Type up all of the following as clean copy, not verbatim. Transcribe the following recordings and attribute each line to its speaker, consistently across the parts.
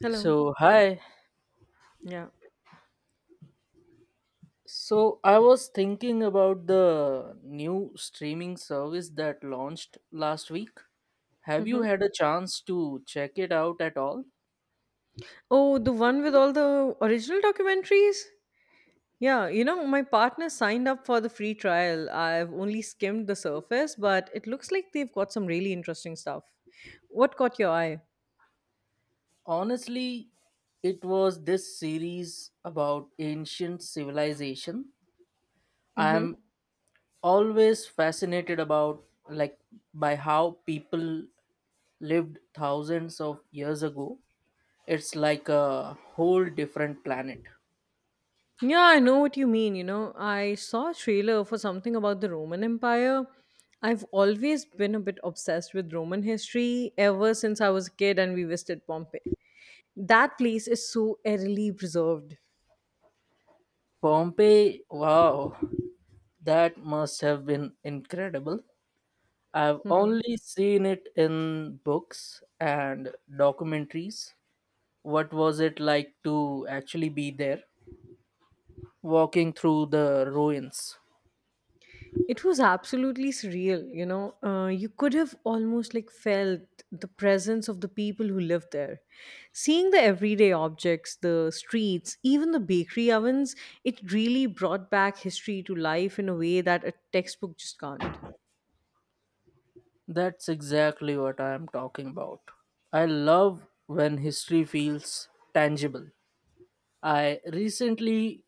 Speaker 1: Hello.
Speaker 2: So, hi.
Speaker 1: Yeah.
Speaker 2: So, I was thinking about the new streaming service that launched last week. Have you
Speaker 1: Mhm.
Speaker 2: had a chance to check it out at all?
Speaker 1: Oh, the one with all the original documentaries? Yeah, my partner signed up for the free trial. I've only skimmed the surface, but it looks like they've got some really interesting stuff. What caught your eye?
Speaker 2: Honestly, it was this series about ancient civilization. I
Speaker 1: Mm-hmm.
Speaker 2: am always fascinated about like by how people lived thousands of years ago. It's like a whole different planet.
Speaker 1: Yeah, I know what you mean. I saw a trailer for something about the Roman Empire. I've always been a bit obsessed with Roman history ever since I was a kid and we visited Pompeii. That place is so eerily preserved.
Speaker 2: Pompeii, wow, that must have been incredible. I've only seen it in books and documentaries. What was it like to actually be there, walking through the ruins?
Speaker 1: It was absolutely surreal, you know. You could have almost like felt the presence of the people who lived there. Seeing the everyday objects, the streets, even the bakery ovens, it really brought back history to life in a way that a textbook just can't.
Speaker 2: That's exactly what I'm talking about. I love when history feels tangible. I recently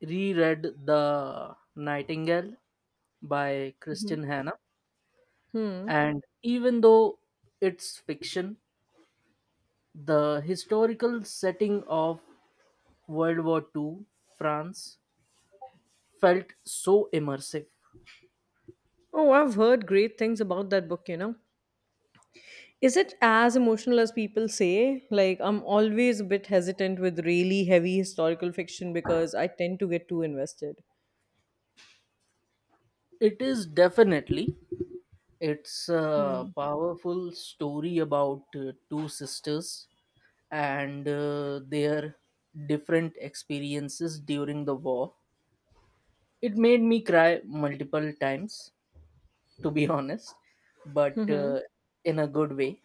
Speaker 2: reread The Nightingale by
Speaker 1: Mhm.
Speaker 2: Christian Hanna,
Speaker 1: Hmm.
Speaker 2: and even though it's fiction, the historical setting of World War Two, France, felt so immersive.
Speaker 1: Oh, I've heard great things about that book. Is it as emotional as people say? Like, I'm always a bit hesitant with really heavy historical fiction because I tend to get too invested.
Speaker 2: It is definitely it's a
Speaker 1: Hmm.
Speaker 2: powerful story about two sisters and their different experiences during the war. It made me cry multiple times, to be honest, but
Speaker 1: Mm-hmm.
Speaker 2: in a good way.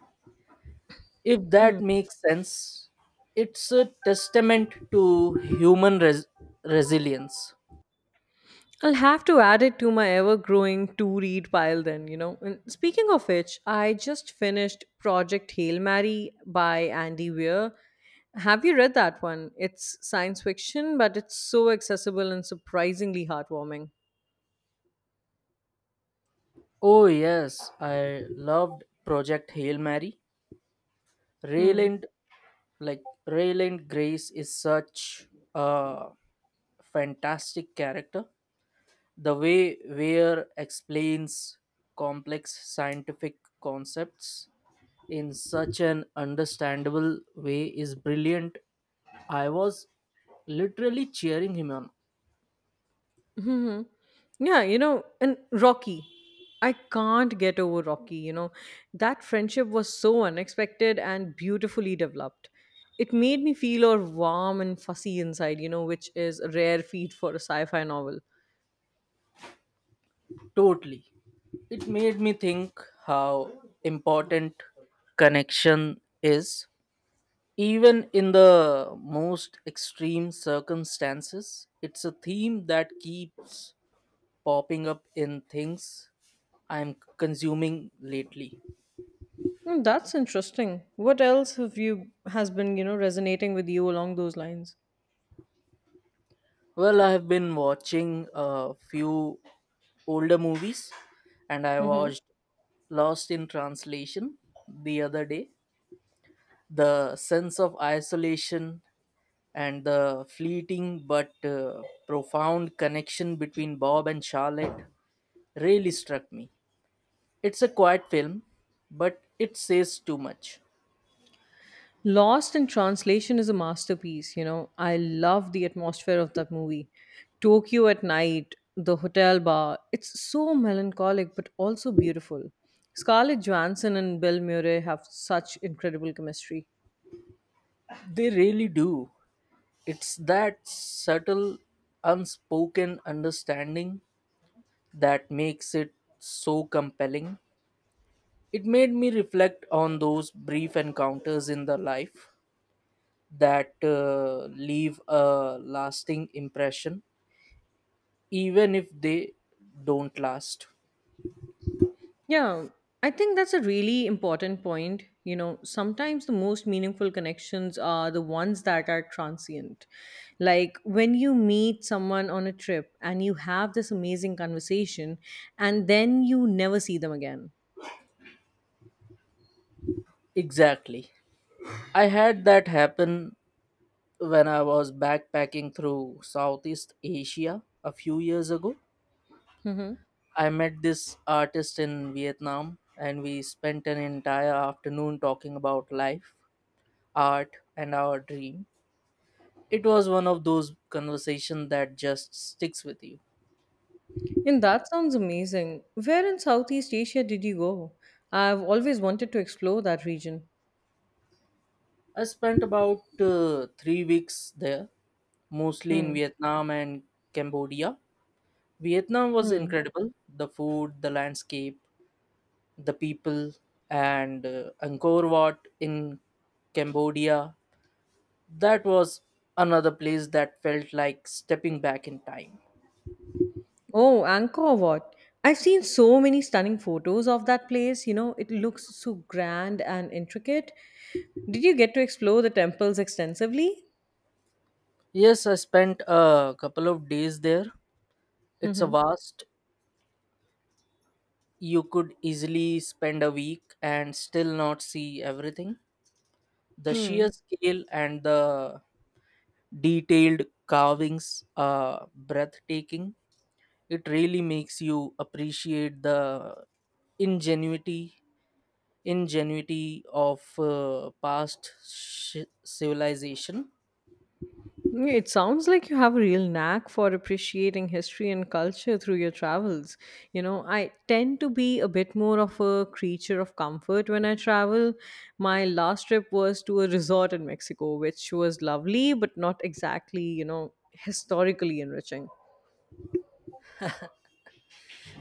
Speaker 2: If that
Speaker 1: Hmm.
Speaker 2: makes sense, it's a testament to human resilience.
Speaker 1: I'll have to add it to my ever growing to read pile then. And speaking of which, I just finished Project Hail Mary by Andy Weir. Have you read that one? It's science fiction, but it's so accessible and surprisingly heartwarming.
Speaker 2: Oh, yes, I loved Project Hail Mary.
Speaker 1: Hmm.
Speaker 2: Rayland, like, Rayland Grace is such a fantastic character. The way Weir explains complex scientific concepts in such an understandable way is brilliant. I was literally cheering him on.
Speaker 1: Hmm. Yeah, and Rocky. I can't get over Rocky. That friendship was so unexpected and beautifully developed. It made me feel all warm and fussy inside, which is a rare feat for a sci-fi novel.
Speaker 2: Totally. It made me think how important connection is. Even in the most extreme circumstances, it's a theme that keeps popping up in things I'm consuming lately.
Speaker 1: Hmm, that's interesting. What else have you has been, resonating with you along those lines?
Speaker 2: Well, I have been watching a few older movies, and I
Speaker 1: Mm-hmm.
Speaker 2: watched Lost in Translation the other day. The sense of isolation and the fleeting but profound connection between Bob and Charlotte really struck me. It's a quiet film, but it says too much.
Speaker 1: Lost in Translation is a masterpiece. I love the atmosphere of that movie. Tokyo at night, the hotel bar, it's so melancholic but also beautiful. Scarlett Johansson and Bill Murray have such incredible chemistry.
Speaker 2: They really do. It's that subtle, unspoken understanding that makes it so compelling. It made me reflect on those brief encounters in the life that leave a lasting impression even if they don't last.
Speaker 1: Yeah, I think that's a really important point. You know, sometimes the most meaningful connections are the ones that are transient. Like when you meet someone on a trip and you have this amazing conversation and then you never see them again.
Speaker 2: Exactly. I had that happen when I was backpacking through Southeast Asia a few years ago.
Speaker 1: Hmm.
Speaker 2: I met this artist in Vietnam, and we spent an entire afternoon talking about life, art, and our dream. It was one of those conversations that just sticks with you.
Speaker 1: And that sounds amazing. Where in Southeast Asia did you go? I've always wanted to explore that region.
Speaker 2: I spent about 3 weeks there, mostly in
Speaker 1: Hmm.
Speaker 2: Vietnam and Cambodia. Vietnam was
Speaker 1: Hmm.
Speaker 2: incredible, the food, the landscape, the people, and Angkor Wat in Cambodia. That was another place that felt like stepping back in time.
Speaker 1: Oh, Angkor Wat. I've seen so many stunning photos of that place. You know, it looks so grand and intricate. Did you get to explore the temples extensively?
Speaker 2: Yes, I spent a couple of days there. It's a
Speaker 1: Hmm.
Speaker 2: vast, you could easily spend a week and still not see everything. The
Speaker 1: Hmm.
Speaker 2: sheer scale and the detailed carvings are breathtaking. It really makes you appreciate the ingenuity ingenuity of past civilization.
Speaker 1: Yeah, it sounds like you have a real knack for appreciating history and culture through your travels. I tend to be a bit more of a creature of comfort when I travel. My last trip was to a resort in Mexico, which was lovely, but not exactly, historically enriching.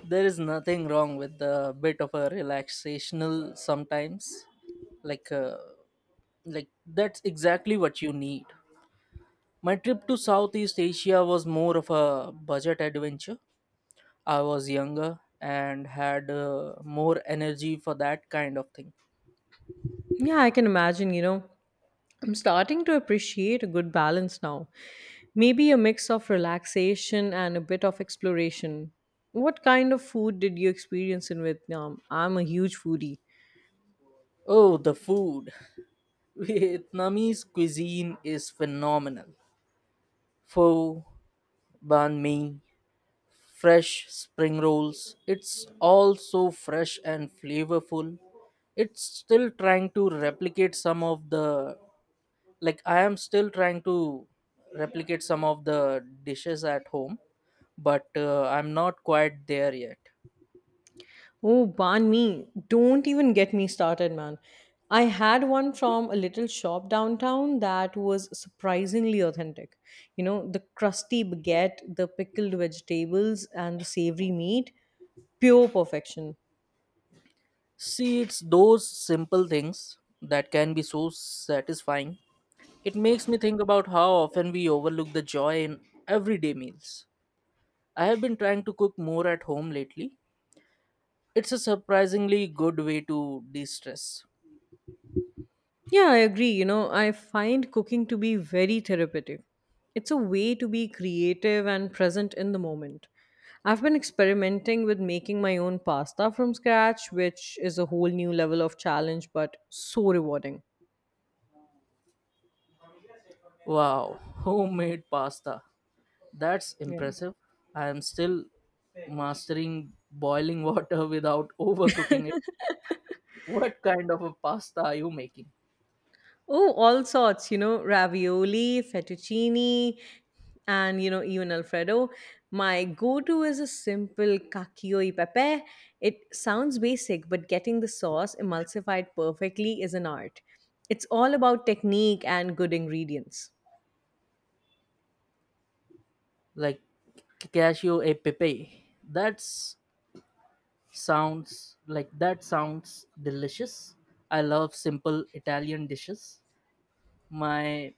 Speaker 2: There is nothing wrong with a bit of a relaxational sometimes. Like uh, like that's exactly what you need. My trip to Southeast Asia was more of a budget adventure. I was younger and had more energy for that kind of thing.
Speaker 1: Yeah, I can imagine. I'm starting to appreciate a good balance now. Maybe a mix of relaxation and a bit of exploration. What kind of food did you experience in Vietnam? I'm a huge foodie.
Speaker 2: Oh, the food. Vietnamese cuisine is phenomenal. Pho, banh mi, fresh spring rolls. It's all so fresh and flavorful. It's still trying to replicate some of the like I am still trying to replicate some of the dishes at home, but I'm not quite there yet.
Speaker 1: Oh, banh mi. Don't even get me started, man. I had one from a little shop downtown that was surprisingly authentic. You know, the crusty baguette, the pickled vegetables, and the savory meat pure perfection.
Speaker 2: See, it's those simple things that can be so satisfying. It makes me think about how often we overlook the joy in everyday meals. I have been trying to cook more at home lately. It's a surprisingly good way to de stress.
Speaker 1: Yeah, I agree. I find cooking to be very therapeutic. It's a way to be creative and present in the moment. I've been experimenting with making my own pasta from scratch, which is a whole new level of challenge, but so rewarding.
Speaker 2: Wow, homemade pasta. That's
Speaker 1: Yeah.
Speaker 2: impressive. I am still mastering boiling water without overcooking it. What kind of a pasta are you making?
Speaker 1: Oh, all sorts, ravioli, fettuccine, and even Alfredo. My go-to is a simple cacio e pepe. It sounds basic, but getting the sauce emulsified perfectly is an art. It's all about technique and good ingredients.
Speaker 2: Like cashew e pepe. That's Sounds like that sounds delicious. I love simple Italian dishes. My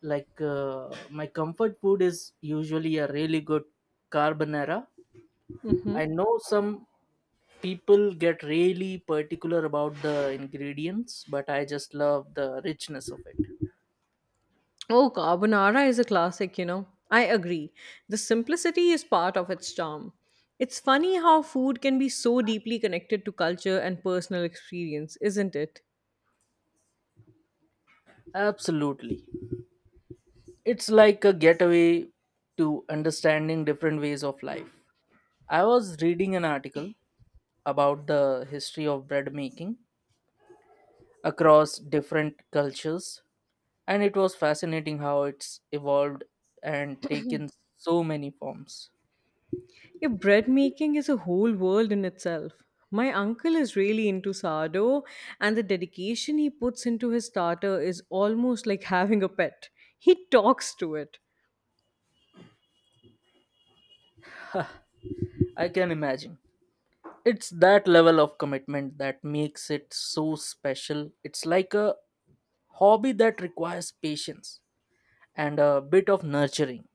Speaker 2: my comfort food is usually a really good carbonara.
Speaker 1: Hmm.
Speaker 2: I know some people get really particular about the ingredients, but I just love the richness of it.
Speaker 1: Oh, carbonara is a classic. I agree. The simplicity is part of its charm. It's funny how food can be so deeply connected to culture and personal experience, isn't it?
Speaker 2: Absolutely. It's like a getaway to understanding different ways of life. I was reading an article about the history of bread making across different cultures, and it was fascinating how it's evolved and taken so many forms.
Speaker 1: Yeah, bread making is a whole world in itself. My uncle is really into sourdough, and the dedication he puts into his starter is almost like having a pet. He talks to it.
Speaker 2: I can imagine. It's that level of commitment that makes it so special. It's like a hobby that requires patience and a bit of nurturing.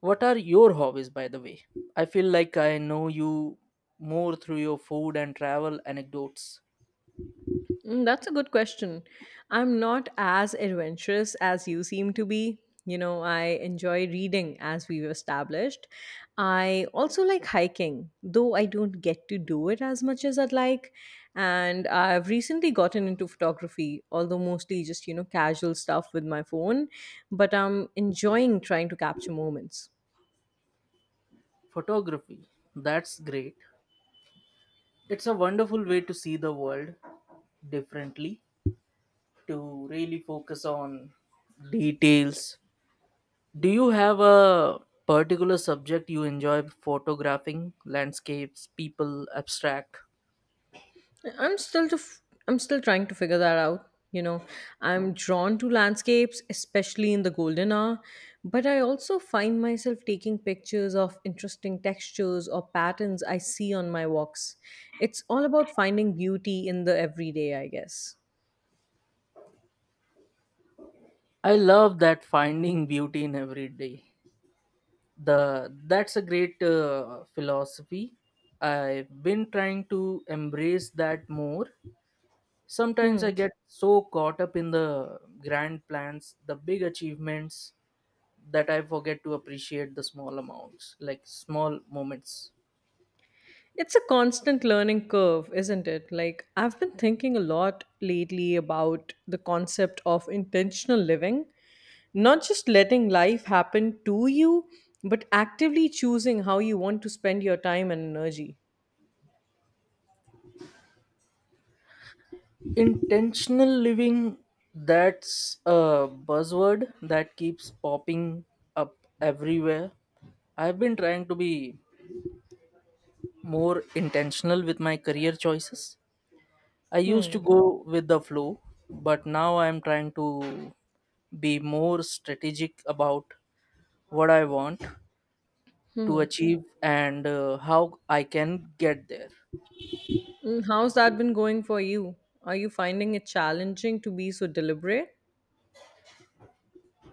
Speaker 2: What are your hobbies, by the way? I feel like I know you more through your food and travel anecdotes.
Speaker 1: Mm, that's a good question. I'm not as adventurous as you seem to be. I enjoy reading, as we've established. I also like hiking, though I don't get to do it as much as I'd like. And I've recently gotten into photography, although mostly just, casual stuff with my phone. But I'm enjoying trying to capture moments.
Speaker 2: Photography, that's great. It's a wonderful way to see the world differently, to really focus on details. Do you have a particular subject you enjoy photographing? Landscapes, people, abstract?
Speaker 1: I'm still trying to figure that out. I'm drawn to landscapes, especially in the golden hour, but I also find myself taking pictures of interesting textures or patterns I see on my walks. It's all about finding beauty in the everyday, I guess.
Speaker 2: I love that, finding beauty in every day. The that's a great philosophy. I've been trying to embrace that more. Sometimes I
Speaker 1: Hmm.
Speaker 2: get so caught up in the grand plans, the big achievements, that I forget to appreciate the small amounts, like small moments.
Speaker 1: It's a constant learning curve, isn't it? Like, I've been thinking a lot lately about the concept of intentional living, not just letting life happen to you, but actively choosing how you want to spend your time and energy.
Speaker 2: Intentional living, that's a buzzword that keeps popping up everywhere. I've been trying to be more intentional with my career choices. I used to
Speaker 1: Hmm.
Speaker 2: go with the flow, but now I'm trying to be more strategic about what I want to achieve and how I can get there.
Speaker 1: Mm, how's that been going for you? Are you finding it challenging to be so deliberate?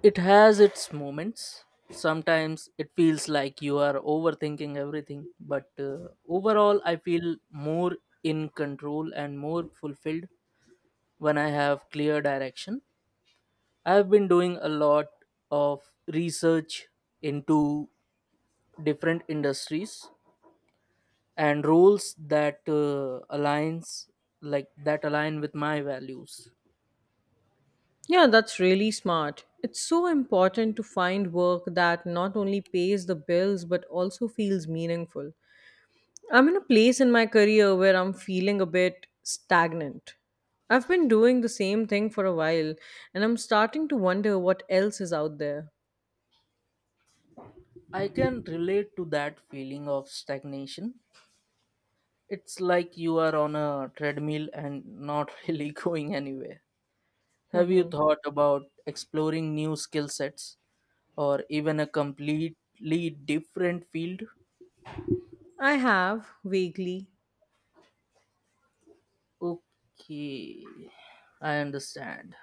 Speaker 2: It has its moments. Sometimes it feels like you are overthinking everything, but overall, I feel more in control and more fulfilled when I have clear direction. I've been doing a lot of research into different industries and roles that align with my values.
Speaker 1: Yeah, that's really smart. It's so important to find work that not only pays the bills but also feels meaningful. I'm in a place in my career where I'm feeling a bit stagnant. I've been doing the same thing for a while, and I'm starting to wonder what else is out there.
Speaker 2: I can relate to that feeling of stagnation. It's like you are on a treadmill and not really going anywhere. Have you
Speaker 1: Hmm.
Speaker 2: thought about exploring new skill sets or even a completely different field?
Speaker 1: I have vaguely.
Speaker 2: Okay, I understand.